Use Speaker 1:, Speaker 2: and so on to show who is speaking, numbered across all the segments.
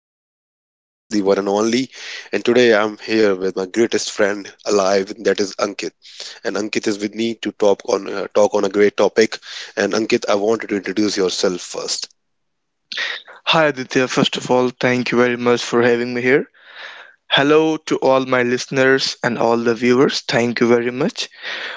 Speaker 1: Aditya, your host, the one and only. And today I'm here with my greatest friend alive, that is Ankit. And Ankit is with me to talk on a great topic. And Ankit, I wanted to introduce yourself first.
Speaker 2: Hi Aditya, first of all, thank you very much for having me here. Hello to all my listeners and all the viewers. Thank you very much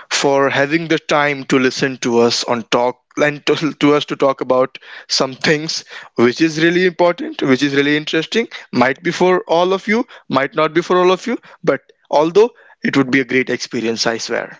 Speaker 2: for having the time to listen to us on talk and to us to talk about some things which is really important, which is really interesting. Might be for all of you, might not be for all of you, but although it would be a great experience, I swear.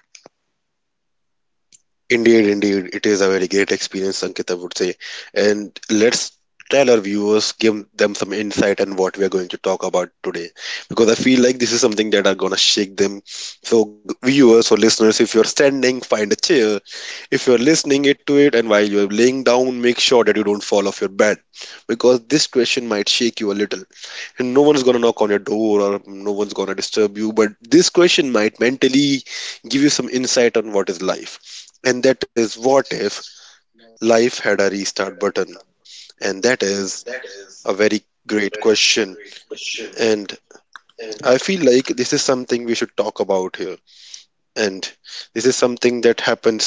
Speaker 1: Indeed, indeed, it is a very great experience, Sankit, I would say. And let's tell our viewers, give them some insight on what we are going to talk about today, because I feel like this is something that are gonna shake them. So, viewers or listeners, if you're standing, find a chair. If you're listening it to it, and while you're laying down, make sure that you don't fall off your bed, because this question might shake you a little, and no one's going to knock on your door or no one's going to disturb you, but this question might mentally give you some insight on what is life, and that is, what if life had a restart button? And that is a very great question, and I feel like this is something we should talk about here. And this is something that happens.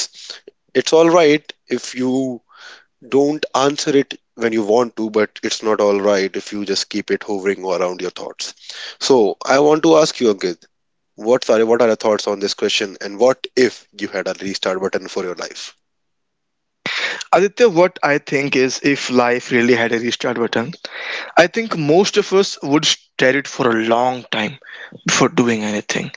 Speaker 1: It's all right if you don't answer it when you want to, but it's not all right if you just keep it hovering around your thoughts. So, I want to ask you, Ankit, what are your thoughts on this question? And what if you had a restart button for your life?
Speaker 2: Aditya, what I think is if life really had a restart button, I think most of us would stare it for a long time before doing anything.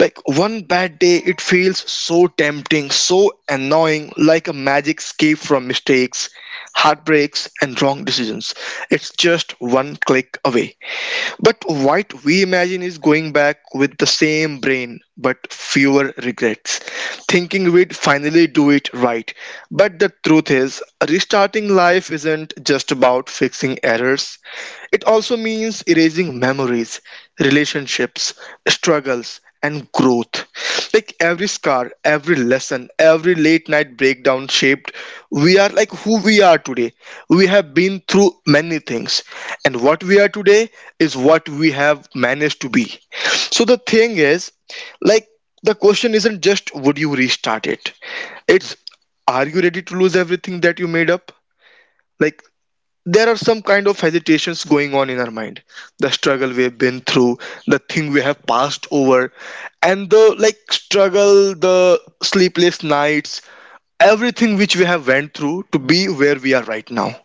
Speaker 2: Like one bad day, it feels so tempting, so annoying, like a magic escape from mistakes, heartbreaks, and wrong decisions. It's just one click away. But what we imagine is going back with the same brain but fewer regrets, thinking we'd finally do it right. But the truth is, restarting life isn't just about fixing errors, it also means erasing memories, relationships, struggles, and growth. Like every scar, every lesson, every late night breakdown shaped, we are like who we are today. We have been through many things, and what we are today is what we have managed to be. So the thing is, like, the question isn't just would you restart it? It's are you ready to lose everything that you made up? Like there are some kind of hesitations going on in our mind, the struggle we have been through, the thing we have passed over, and the like struggle, the sleepless nights, everything which we have went through to be where we are right now.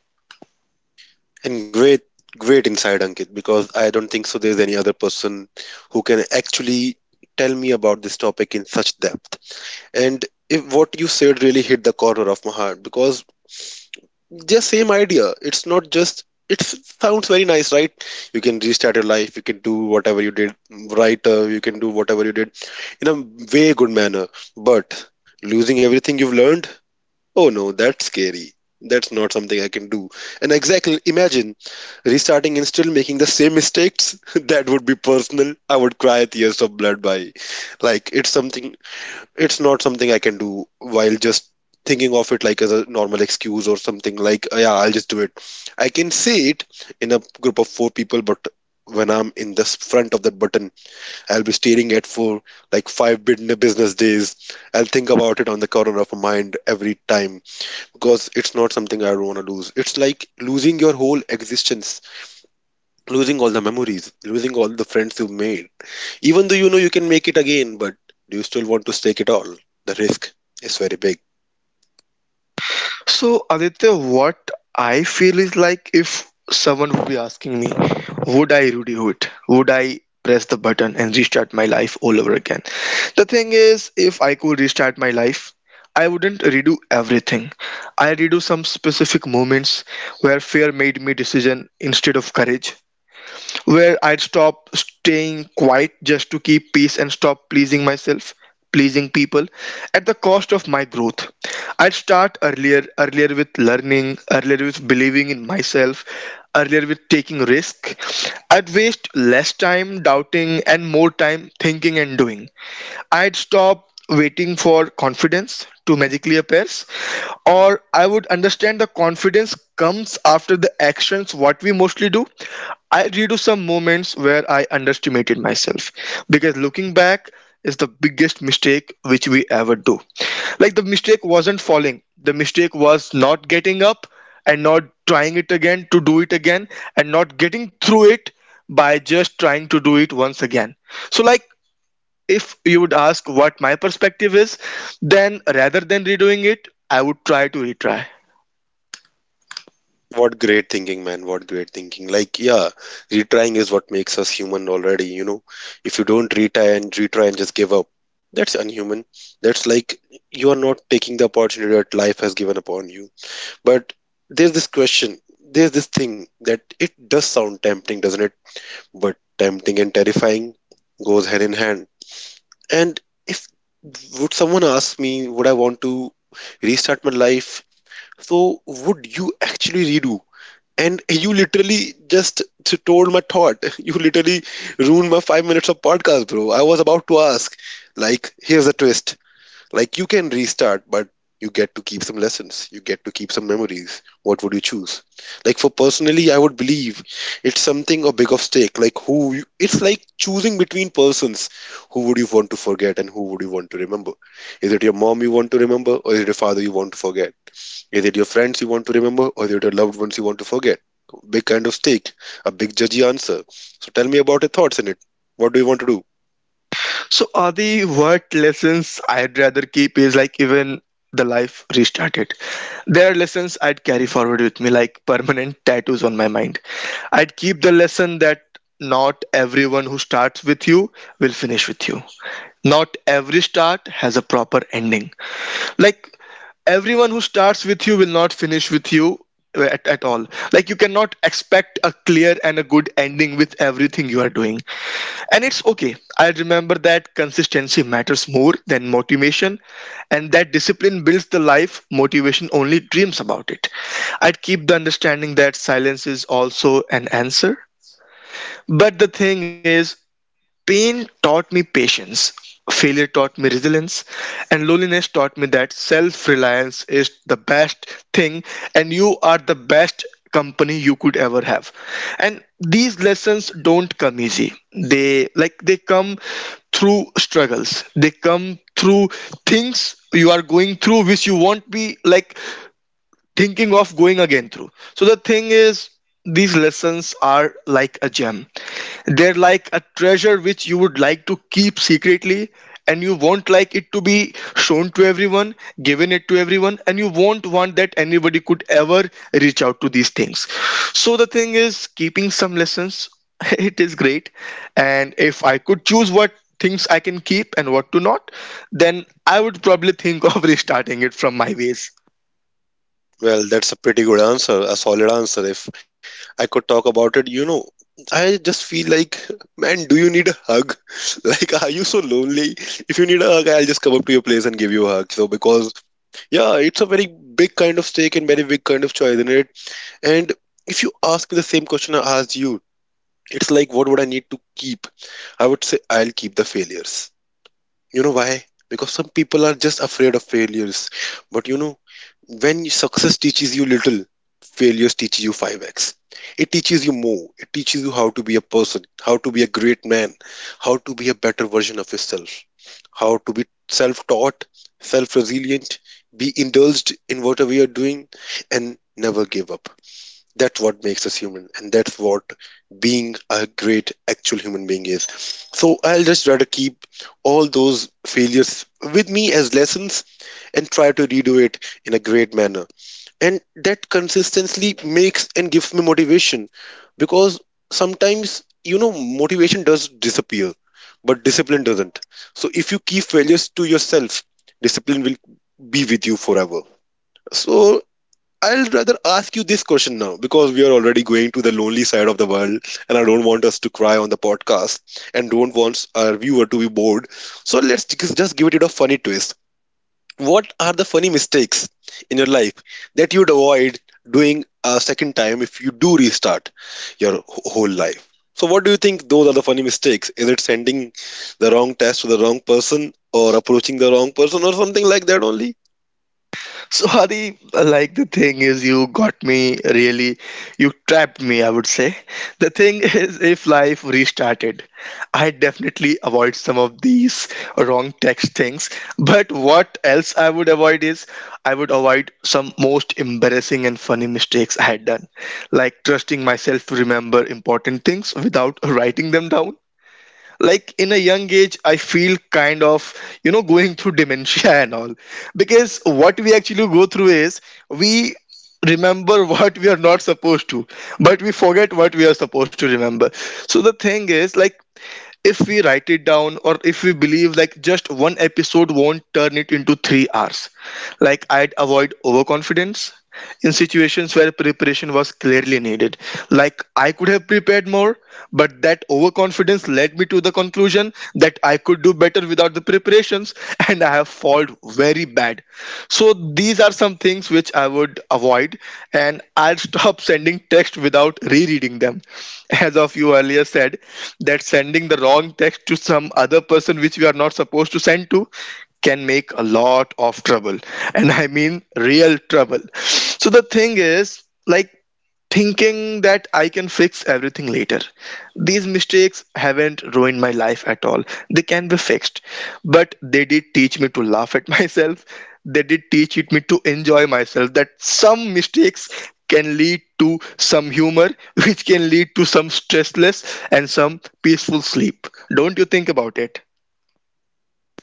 Speaker 1: And great, great insight, Ankit, because I don't think so there's any other person who can actually tell me about this topic in such depth. And if what you said really hit the corner of my heart, because the same idea, it's not just, it sounds very nice, right? You can restart your life, you can do whatever you did, right. You can do whatever you did in a way good manner, but losing everything you've learned, oh no, that's scary. That's not something I can do. And exactly, imagine restarting and still making the same mistakes. That would be personal. I would cry tears of blood by, like, it's something, it's not something I can do while just thinking of it like as a normal excuse or something like, "Oh, yeah, I'll just do it." I can say it in a group of four people, but when I'm in the front of that button, I'll be staring at for like 5 bin- business days. I'll think about it on the corner of my mind every time, because it's not something I want to lose. It's like losing your whole existence, losing all the memories, losing all the friends you've made. Even though you know you can make it again, but do you still want to stake it all? The risk is very big.
Speaker 2: So, Aditya, what I feel is like if someone would be asking me, would I Rudy Hood? Would I press the button and restart my life all over again? The thing is, if I could restart my life, I wouldn't redo everything. I redo some specific moments where fear made me decision instead of courage, where I'd stop staying quiet just to keep peace and stop pleasing myself, pleasing people at the cost of my growth. I'd start earlier, earlier with learning, earlier with believing in myself, earlier with taking risk. I'd waste less time doubting and more time thinking and doing. I'd stop waiting for confidence to magically appears, or I would understand the confidence comes after the actions what we mostly do. I redo some moments where I underestimated myself because looking back is the biggest mistake which we ever do. Like the mistake wasn't falling, the mistake was not getting up and not trying it again to do it again and not getting through it by just trying to do it once again. So like if you would ask what my perspective is, then rather than redoing it, I would try to retry.
Speaker 1: What great thinking, man. What great thinking. Like, yeah, retrying is what makes us human already, you know. If you don't retry and retry and just give up, that's unhuman. That's like you are not taking the opportunity that life has given upon you. But there's this question, there's this thing, that it does sound tempting, doesn't it? But tempting and terrifying goes hand in hand. And if would someone ask me, would I want to restart my life? So would you actually redo? And you literally just told my thought. You literally ruined my 5 minutes of podcast, bro. I was about to ask, like, here's the twist. Like, you can restart, but you get to keep some lessons. You get to keep some memories. What would you choose? Like, for personally, I would believe it's something a big of stake. Like, who you, it's like choosing between persons. Who would you want to forget, and who would you want to remember? Is it your mom you want to remember, or is it your father you want to forget? Is it your friends you want to remember, or is it your loved ones you want to forget? Big kind of stake, a big judgy answer. So tell me about your thoughts in it. What do you want to do?
Speaker 2: So, are the what lessons I'd rather keep is like even the life restarted. There are lessons I'd carry forward with me, like permanent tattoos on my mind. I'd keep the lesson that not everyone who starts with you will finish with you. Not every start has a proper ending. Like everyone who starts with you will not finish with you, at all. Like you cannot expect a clear and a good ending with everything you are doing, and it's okay. I remember that consistency matters more than motivation, and that discipline builds the life motivation only dreams about it. I'd keep the understanding that silence is also an answer. But the thing is, pain taught me patience, failure taught me resilience, and loneliness taught me that self reliance is the best thing and you are the best company you could ever have. And these lessons don't come easy. They like they come through struggles. They come through things you are going through which you won't be like thinking of going again through. So the thing is, these lessons are like a gem. They're like a treasure which you would like to keep secretly, and you won't like it to be shown to everyone, given it to everyone, and you won't want that anybody could ever reach out to these things. So the thing is, keeping some lessons, it is great. And if I could choose what things I can keep and what to not, then I would probably think of restarting it from my ways.
Speaker 1: Well, that's a pretty good answer, a solid answer. If I could talk about it, you know, I just feel like, man, do you need a hug? Like, are you so lonely? If you need a hug, I'll just come up to your place and give you a hug. So, because, yeah, it's a very big kind of stake and very big kind of choice, isn't it? And if you ask me the same question I asked you, it's like, what would I need to keep? I would say, I'll keep the failures. You know why? Because some people are just afraid of failures. But you know, when success teaches you little, failures teach you 5x. It teaches you more. It teaches you how to be a person, how to be a great man, how to be a better version of yourself, how to be self taught, self resilient, be indulged in whatever you're doing, and never give up. That's what makes us human, and that's what being a great actual human being is. So I'll just try to keep all those failures with me as lessons and try to redo it in a great manner. And that consistently makes and gives me motivation, because sometimes, you know, motivation does disappear, but discipline doesn't. So if you keep failures to yourself, discipline will be with you forever. So I'll rather ask you this question now, because we are already going to the lonely side of the world, and I don't want us to cry on the podcast and don't want our viewer to be bored. So let's just give it a funny twist. What are the funny mistakes in your life that you'd avoid doing a second time if you do restart your whole life? So, what do you think those are the funny mistakes? Is it sending the wrong test to the wrong person, or approaching the wrong person, or something like that only?
Speaker 2: So Adi, like the thing is, you got me really, you trapped me, I would say. The thing is, if life restarted, I definitely avoid some of these wrong text things. But what else I would avoid is, I would avoid some most embarrassing and funny mistakes I had done, like trusting myself to remember important things without writing them down, like in a young age I feel kind of, you know, going through dementia and all. Because what we actually go through is we remember what we are not supposed to, but we forget what we are supposed to remember. So the thing is, like, if we write it down, or if we believe like just one episode won't turn it into 3 hours, like I'd avoid overconfidence in situations where preparation was clearly needed. Like I could have prepared more, but that overconfidence led me to the conclusion that I could do better without the preparations, and I have failed very bad. So these are some things which I would avoid, and I'll stop sending text without rereading them. As of you earlier said, that sending the wrong text to some other person which we are not supposed to send to can make a lot of trouble, and I mean real trouble. So the thing is, like, thinking that I can fix everything later. These mistakes haven't ruined my life at all. They can be fixed. But they did teach me to laugh at myself. They did teach it me to enjoy myself. That some mistakes can lead to some humor, which can lead to some stressless and some peaceful sleep. Don't you think about it?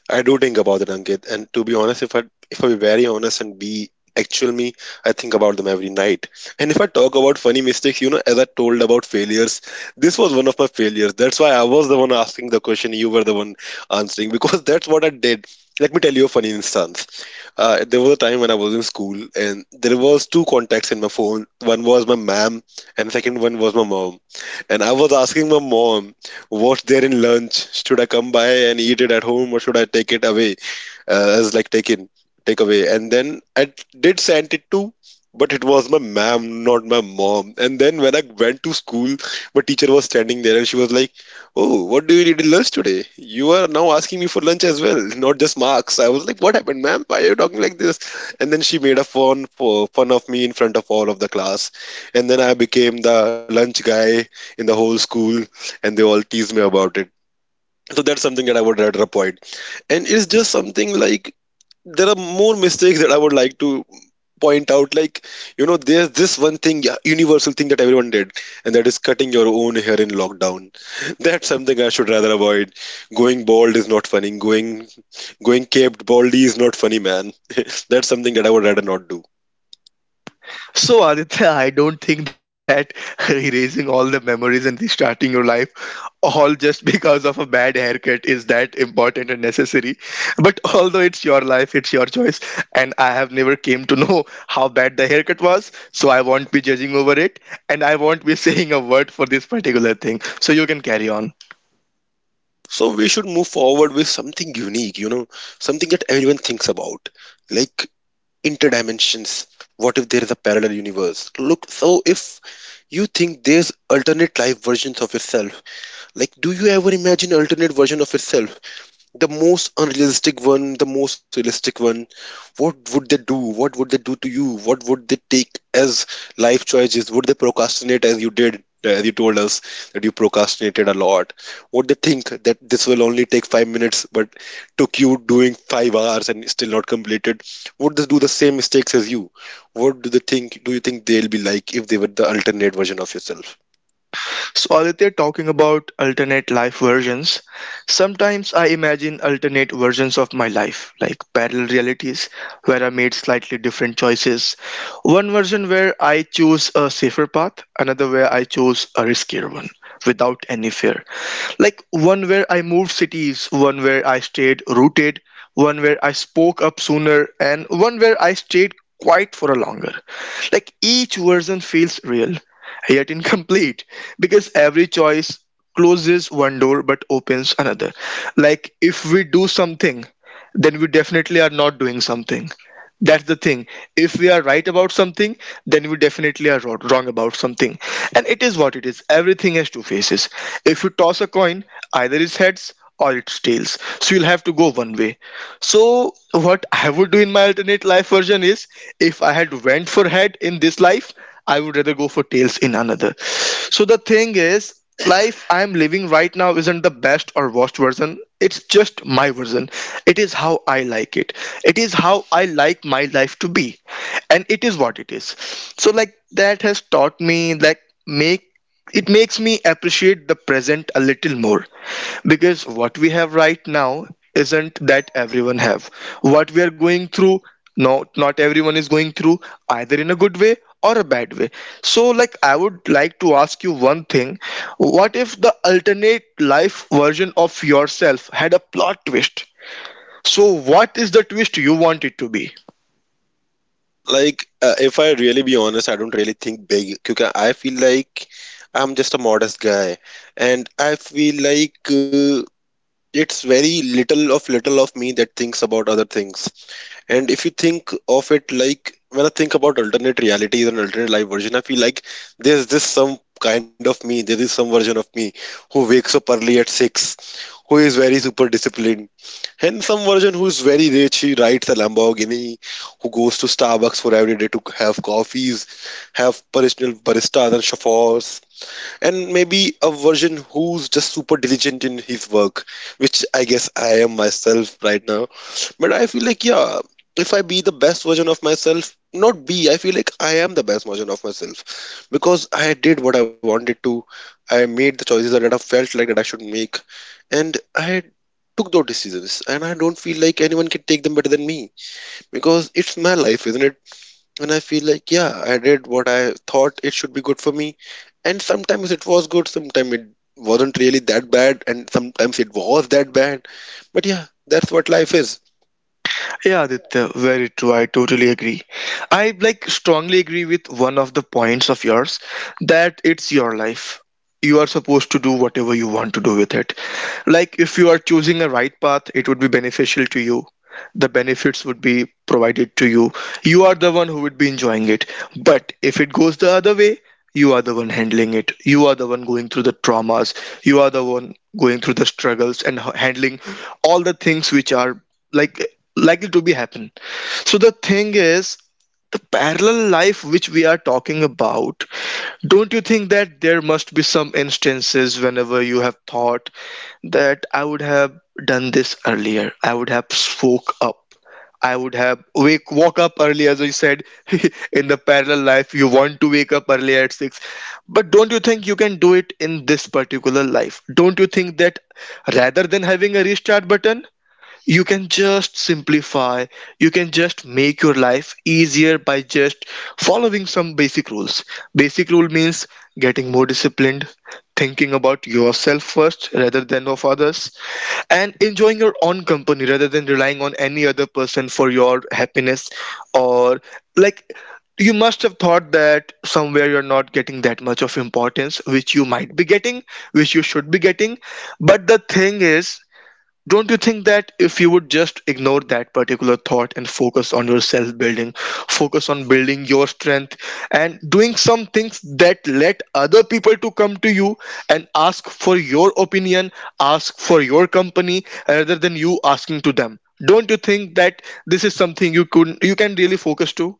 Speaker 1: I do think about it, Ankit. And to be honest, if I be very honest and be actual me, I think about them every night. And if I talk about funny mistakes, you know, as I told about failures, this was one of my failures. That's why I was the one asking the question. You were the one answering, because that's what I did. Let me tell you a funny instance. There was a time when I was in school, and there was two contacts in my phone. One was my mom, and second one was my mom. And I was asking my mom, "What's there in lunch? Should I come by and eat it at home, or should I take it away?" As like taken, take away. And then I did send it to, but it was my mom, not my mom. And then when I went to school, my teacher was standing there, and she was like, "Oh, what do you need in lunch today? You are now asking me for lunch as well, not just marks." I was like, "What happened, ma'am? Why are you talking like this?" And then she made a fun of me in front of all of the class. And then I became the lunch guy in the whole school, and they all teased me about it. So that's something that I would rather avoid. And it's just something like, there are more mistakes that I would like to point out. Like, you know, there's this one thing, yeah, universal thing that everyone did, and that is cutting your own hair in lockdown. That's something I should rather avoid. Going bald is not funny. Going caped baldy is not funny, man. That's something that I would rather not do.
Speaker 2: So, Aditya, I don't think that erasing all the memories and restarting your life all just because of a bad haircut is that important and necessary. But although it's your life, it's your choice, and I have never came to know how bad the haircut was, so I won't be judging over it, and I won't be saying a word for this particular thing. So you can carry on.
Speaker 1: So we should move forward with something unique, you know, something that everyone thinks about. Like, interdimensions, what if there is a parallel universe? Look, so if you think there's alternate life versions of yourself, like, do you ever imagine alternate version of yourself? The most unrealistic one, the most realistic one. What would they do? What would they do to you? What would they take as life choices? Would they procrastinate as you did, as you told us that you procrastinated a lot? Would they think that this will only take 5 minutes, but took you doing 5 hours and still not completed? Would they do the same mistakes as you? What do they think? Do you think they'll be like, if they were the alternate version of yourself?
Speaker 2: So, Aditya, talking about alternate life versions, sometimes I imagine alternate versions of my life, like parallel realities where I made slightly different choices. One version where I choose a safer path, another where I choose a riskier one without any fear. Like one where I moved cities, one where I stayed rooted, one where I spoke up sooner, and one where I stayed quiet for a longer. Like each version feels real, yet incomplete, because every choice closes one door but opens another. Like if we do something, then we definitely are not doing something, that's the thing. If we are right about something, then we definitely are wrong about something. And it is what it is. Everything has two faces. If you toss a coin, either it's heads or it's tails. So you'll have to go one way. So what I would do in my alternate life version is, if I had went for head in this life, I would rather go for tails in another. So the thing is, life I am living right now isn't the best or worst version, it's just my version. It is how I like it is how I like my life to be, and it is what it is. So like that has taught me, like, make it makes me appreciate the present a little more, because what we have right now isn't that everyone have. What we are going through, no, not everyone is going through, either in a good way or a bad way. So like I would like to ask you one thing, what if the alternate life version of yourself had a plot twist? So what is the twist you want it to be?
Speaker 1: Like, if I really be honest, I don't really think big because I feel like I'm just a modest guy, and I feel like it's very little of me that thinks about other things. And if you think of it like when I think about alternate realities and alternate life version, I feel like there's this some kind of me, there is some version of me who wakes up early at 6, who is very super disciplined, and some version who is very rich, he rides a Lamborghini, who goes to Starbucks for every day to have coffees, have personal baristas and chauffeurs, and maybe a version who's just super diligent in his work, which I guess I am myself right now. But I feel like, yeah, if I be the best version of myself, not be, I feel like I am the best version of myself because I did what I wanted to. I made the choices that I felt like that I should make, and I took those decisions. And I don't feel like anyone can take them better than me because it's my life, isn't it? And I feel like, yeah, I did what I thought it should be good for me. And sometimes it was good, sometimes it wasn't really that bad, and sometimes it was that bad. But yeah, that's what life is.
Speaker 2: Yeah, Aditya, very true. I totally agree. I like strongly agree with one of the points of yours, that it's your life. You are supposed to do whatever you want to do with it. Like if you are choosing a right path, it would be beneficial to you. The benefits would be provided to you. You are the one who would be enjoying it. But if it goes the other way, you are the one handling it. You are the one going through the traumas. You are the one going through the struggles and handling all the things which are like likely to be happen. So the thing is, the parallel life which we are talking about, don't you think that there must be some instances whenever you have thought that I would have done this earlier, I would have spoke up, I would have wake woke up early, as I said. In the parallel life you want to wake up early at 6, but don't you think you can do it in this particular life? Don't you think that rather than having a restart button, you can just simplify, you can just make your life easier by just following some basic rules? Basic rule means getting more disciplined, thinking about yourself first rather than of others, and enjoying your own company rather than relying on any other person for your happiness, or like, you must have thought that somewhere you're not getting that much of importance which you might be getting, which you should be getting. But the thing is, don't you think that if you would just ignore that particular thought and focus on your self building, focus on building your strength and doing some things that let other people to come to you and ask for your opinion, ask for your company rather than you asking to them? Don't you think that this is something you could you can really focus to?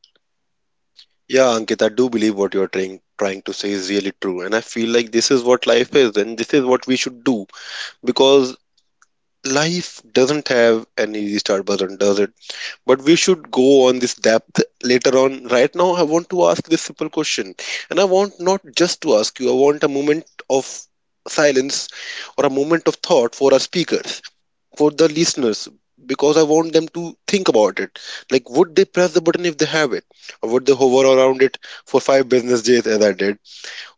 Speaker 1: Yeah, Ankit, I do believe what you're trying to say is really true. And I feel like this is what life is, and this is what we should do. Because life doesn't have an easy start button, does it? But we should go on this depth later on. Right now I want to ask this simple question, and I want not just to ask you, I want a moment of silence, or a moment of thought for our speakers, for the listeners, because I want them to think about it. Like, would they press the button if they have it, or would they hover around it for 5 business days as I did,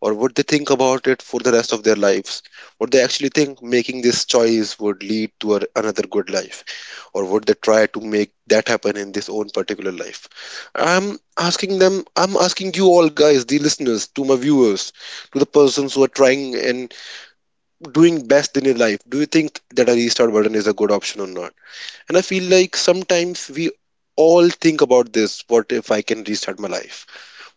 Speaker 1: or would they think about it for the rest of their lives? Would they actually think making this choice would lead to another good life, or would they try to make that happen in this own particular life? I'm asking them, I'm asking you all guys, the listeners, to my viewers, to the persons who are trying and doing best in your life, do you think that a restart button is a good option or not? And I feel like sometimes we all think about this: what if I can restart my life?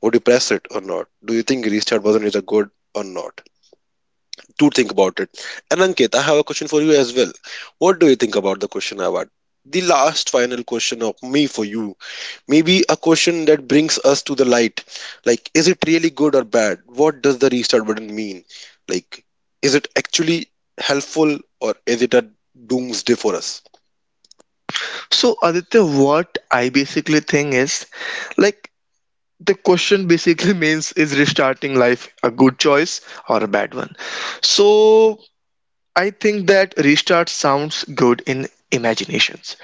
Speaker 1: Would you press it or not? Do you think restart button is a good or not? Do think about it. And Ankit, I have a question for you as well. What do you think about the question I had? The last final question of me for you. Maybe a question that brings us to the light. Like, is it really good or bad? What does the restart button mean? Like, is it actually helpful, or is it a doomsday for us?
Speaker 2: So Aditya, what I basically think is, like, the question basically means is restarting life a good choice or a bad one. So I think that restart sounds good in imaginations,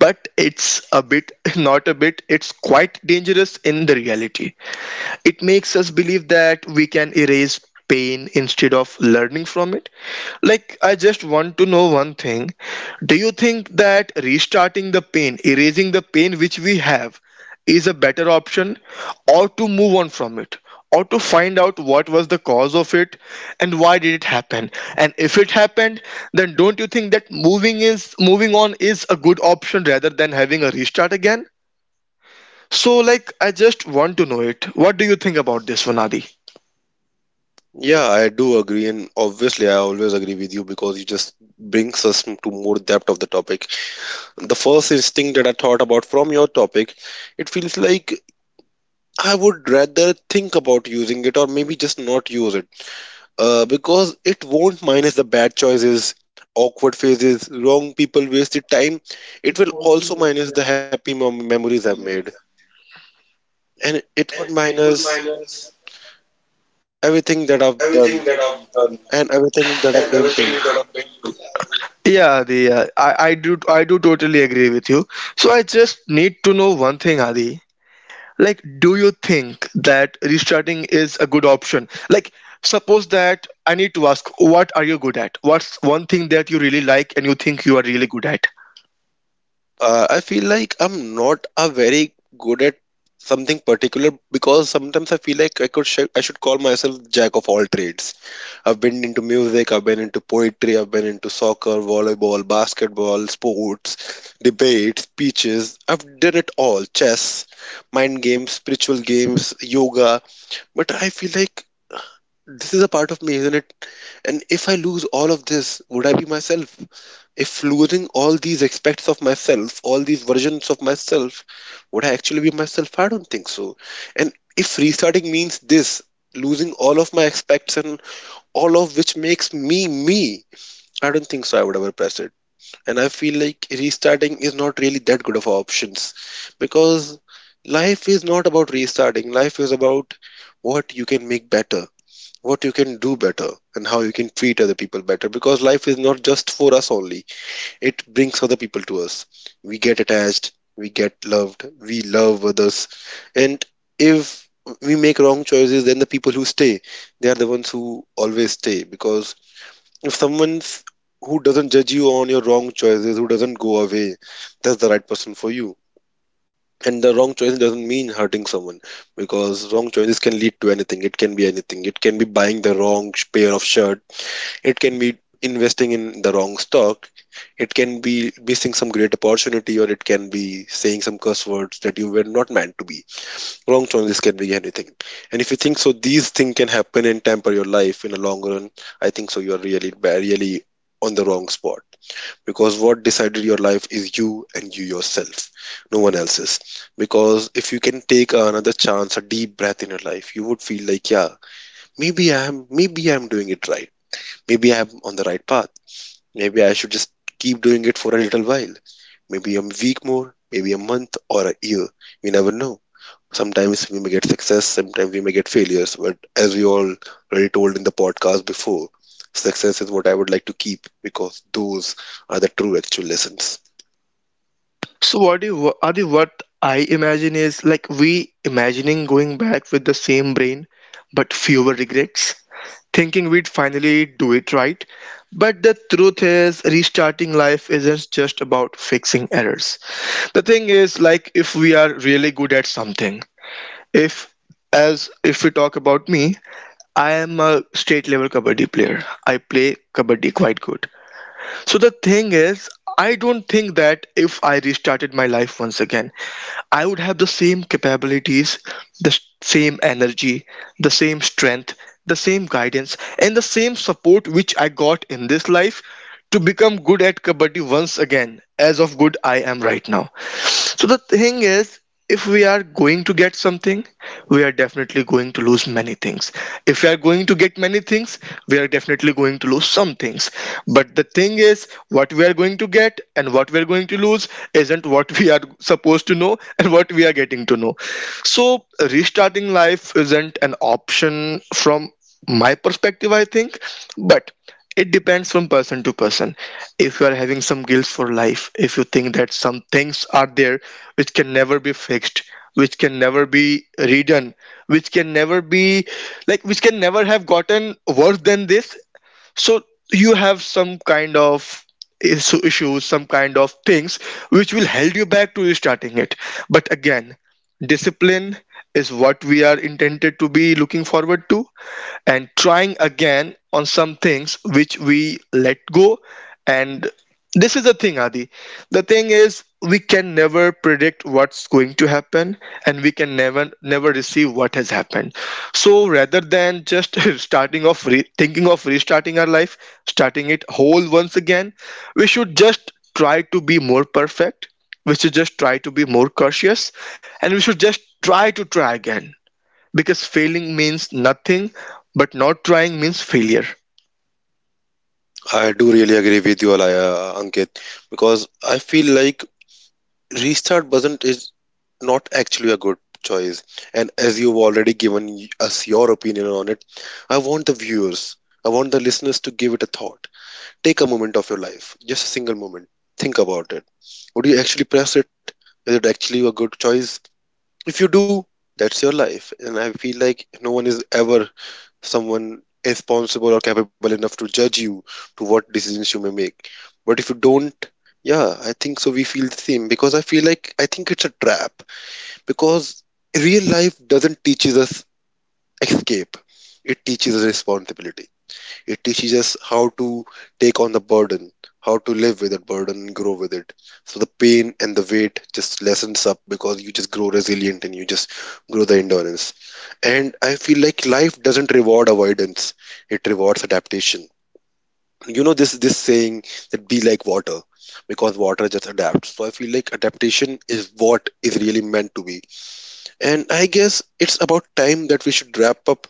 Speaker 2: but it's a bit not a bit, it's quite dangerous in the reality. It makes us believe that we can erase pain instead of learning from it. Like, I just want to know one thing. Do you think that restarting the pain, erasing the pain which we have, is a better option, or to move on from it, or to find out what was the cause of it and why did it happen? And if it happened, then don't you think that moving on is a good option rather than having a restart again? So, like, I just want to know it. What do you think about this one, Adi?
Speaker 1: Yeah, I do agree, and obviously, I always agree with you because it just brings us to more depth of the topic. The first instinct that I thought about from your topic, it feels like I would rather think about using it or maybe just not use it, because it won't minus the bad choices, awkward phases, wrong people, wasted time. It will also minus the happy memories I've made, and it would minus everything that I've done and
Speaker 2: Yeah,
Speaker 1: everything that
Speaker 2: Adi,
Speaker 1: I've been to.
Speaker 2: I do totally agree with you. So, I just need to know one thing, Adi. Like, do you think that restarting is a good option? Like, suppose that I need to ask, what are you good at? What's one thing that you really like and you think you are really good at?
Speaker 1: I feel like I'm not a very good at something particular because sometimes I feel like I could I should call myself jack of all trades. I've been into music, I've been into poetry, I've been into soccer, volleyball, basketball, sports, debates, speeches. I've done it all: chess, mind games, spiritual games, yoga. But I feel like this is a part of me, isn't it? And if I lose all of this, would I be myself? If losing all these aspects of myself, all these versions of myself, would I actually be myself? I don't think so. And if restarting means this, losing all of my aspects and all of which makes me me, I don't think so. I would ever press it. And I feel like restarting is not really that good of options because life is not about restarting. Life is about what you can make better, what you can do better, and how you can treat other people better, because life is not just for us only, it brings other people to us. We get attached, we get loved, we love others. And if we make wrong choices, then the people who stay, they are the ones who always stay. Because if someone's who doesn't judge you on your wrong choices, who doesn't go away, that's the right person for you. And the wrong choice doesn't mean hurting someone, because wrong choices can lead to anything. It can be anything. It can be buying the wrong pair of shirt, it can be investing in the wrong stock. It can be missing some great opportunity, or it can be saying some curse words that you were not meant to be. Wrong choices can be anything. And if you think so, these things can happen and temper your life in the long run. I think so. You are really, really on the wrong spot, because what decided your life is you and you yourself, no one else's. Because if you can take another chance, a deep breath in your life, you would feel like, yeah, maybe I am doing it right. Maybe I am on the right path. Maybe I should just keep doing it for a little while. Maybe a week more, maybe a month or a year. We never know. Sometimes we may get success, sometimes we may get failures. But as we all already told in the podcast before, success is what I would like to keep because those are the true actual lessons.
Speaker 2: So what do you, are the what I imagine is like we imagining going back with the same brain but fewer regrets, thinking we'd finally do it right. But the truth is restarting life isn't just about fixing errors. The thing is, like, if we are really good at something, if, as if we talk about me, I am a state level kabaddi player. I play kabaddi quite good. So the thing is, I don't think that if I restarted my life once again, I would have the same capabilities, the same energy, the same strength, the same guidance, and the same support which I got in this life to become good at kabaddi once again as of good I am right now. So the thing is, if we are going to get something, we are definitely going to lose many things. If we are going to get many things, we are definitely going to lose some things. But the thing is, what we are going to get and what we are going to lose isn't what we are supposed to know and what we are getting to know. So restarting life isn't an option from my perspective, I think, but it depends from person to person. If you are having some guilt for life, if you think that some things are there which can never be fixed, which can never be redone, which can never be, like, which can never have gotten worse than this, so you have some kind of issues, some kind of things which will hold you back to restarting it. But again, discipline is what we are intended to be looking forward to, and trying again on some things which we let go. And this is the thing, Adi. The thing is, we can never predict what's going to happen, and we can never receive what has happened. So rather than just thinking of restarting our life, starting it whole once again, we should just try to be more perfect, we should just try to be more cautious, and we should just try to try again. Because failing means nothing, but not trying means failure.
Speaker 1: I do really agree with you, Ankit, because I feel like restart wasn't is not actually a good choice. And as you've already given us your opinion on it, I want the viewers, I want the listeners to give it a thought. Take a moment of your life, just a single moment. Think about it. Would you actually press it? Is it actually a good choice? If you do, that's your life, and I feel like no one is ever someone is responsible or capable enough to judge you to what decisions you may make. But if you don't, yeah, I think so we feel the same, because I feel like I think it's a trap, because real life doesn't teaches us escape, it teaches us responsibility. It teaches us how to take on the burden, how to live with that burden and grow with it. So the pain and the weight just lessens up because you just grow resilient and you just grow the endurance. And I feel like life doesn't reward avoidance, it rewards adaptation. You know this saying that be like water, because water just adapts. So I feel like adaptation is what is really meant to be. And I guess it's about time that we should wrap up.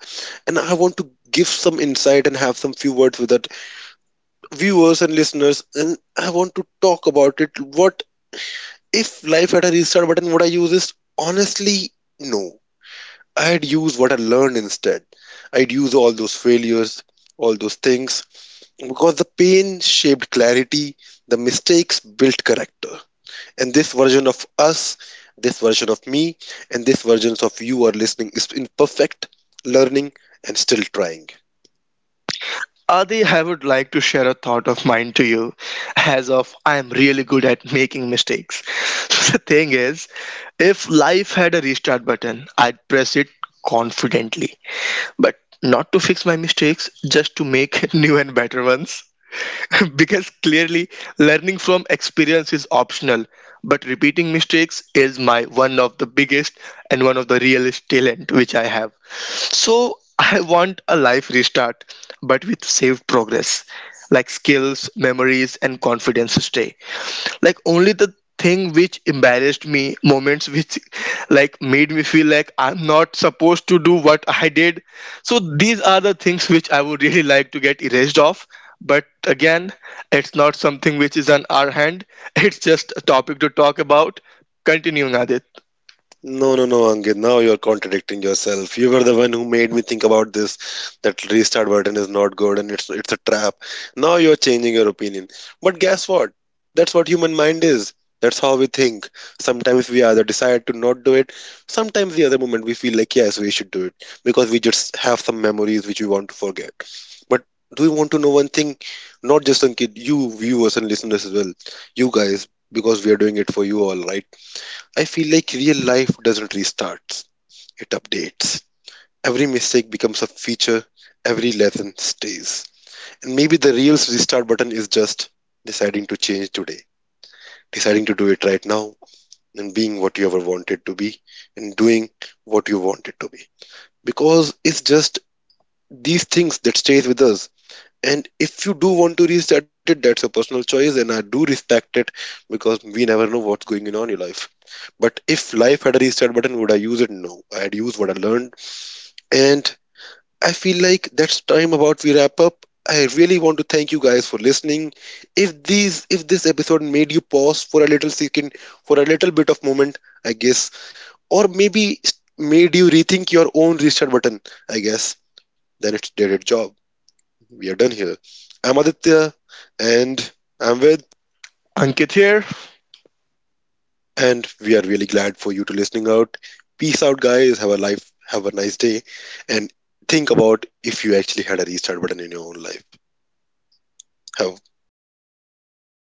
Speaker 1: And I want to give some insight and have some few words with our viewers and listeners, and I want to talk about it. What if life had a restart button? Would I use this? Honestly, no. I'd use what I learned instead. I'd use all those failures, all those things, because the pain shaped clarity, the mistakes built character. And this version of us, this version of me, and this versions of you are listening is imperfect, learning, and still trying.
Speaker 2: Adi, I would like to share a thought of mine to you, as of I am really good at making mistakes. So the thing is, if life had a restart button, I'd press it confidently, but not to fix my mistakes, just to make new and better ones. Because clearly, learning from experience is optional, but repeating mistakes is my one of the biggest and one of the realest talent which I have. So I want a life restart, but with saved progress, like skills, memories, and confidence to stay. Like only the thing which embarrassed me, moments which like made me feel like I'm not supposed to do what I did. So these are the things which I would really like to get erased off. But again, it's not something which is on our hand. It's just a topic to talk about. Continuing, Adit.
Speaker 1: No, Angit. Now you're contradicting yourself. You were the one who made me think about this that restart button is not good and it's a trap. Now you're changing your opinion. But guess what? That's what human mind is. That's how we think. Sometimes we either decide to not do it. Sometimes the other moment we feel like yes, we should do it because we just have some memories which we want to forget. But do we want to know one thing? Not just Ankit, you viewers and listeners as well. You guys, because we are doing it for you all, right? I feel like real life doesn't restart, it updates. Every mistake becomes a feature, every lesson stays. And maybe the real restart button is just deciding to change today, deciding to do it right now, and being what you ever wanted to be, and doing what you wanted to be. Because it's just these things that stays with us. And if you do want to restart it, that's a personal choice and I do respect it, because we never know what's going on in your life. But if life had a restart button, would I use it? No, I'd use what I learned. And I feel like that's time about we wrap up. I really want to thank you guys for listening. If these if this episode made you pause for a little second, for a little bit of moment, I guess, or maybe made you rethink your own restart button, I guess, then it did its job. We are done here. I'm Aditya, and I'm with,
Speaker 2: Ankit here.
Speaker 1: and we are really glad for you to listening out. Peace out, guys. Have a life. Have a nice day, and think about if you actually had a restart button in your own life. Have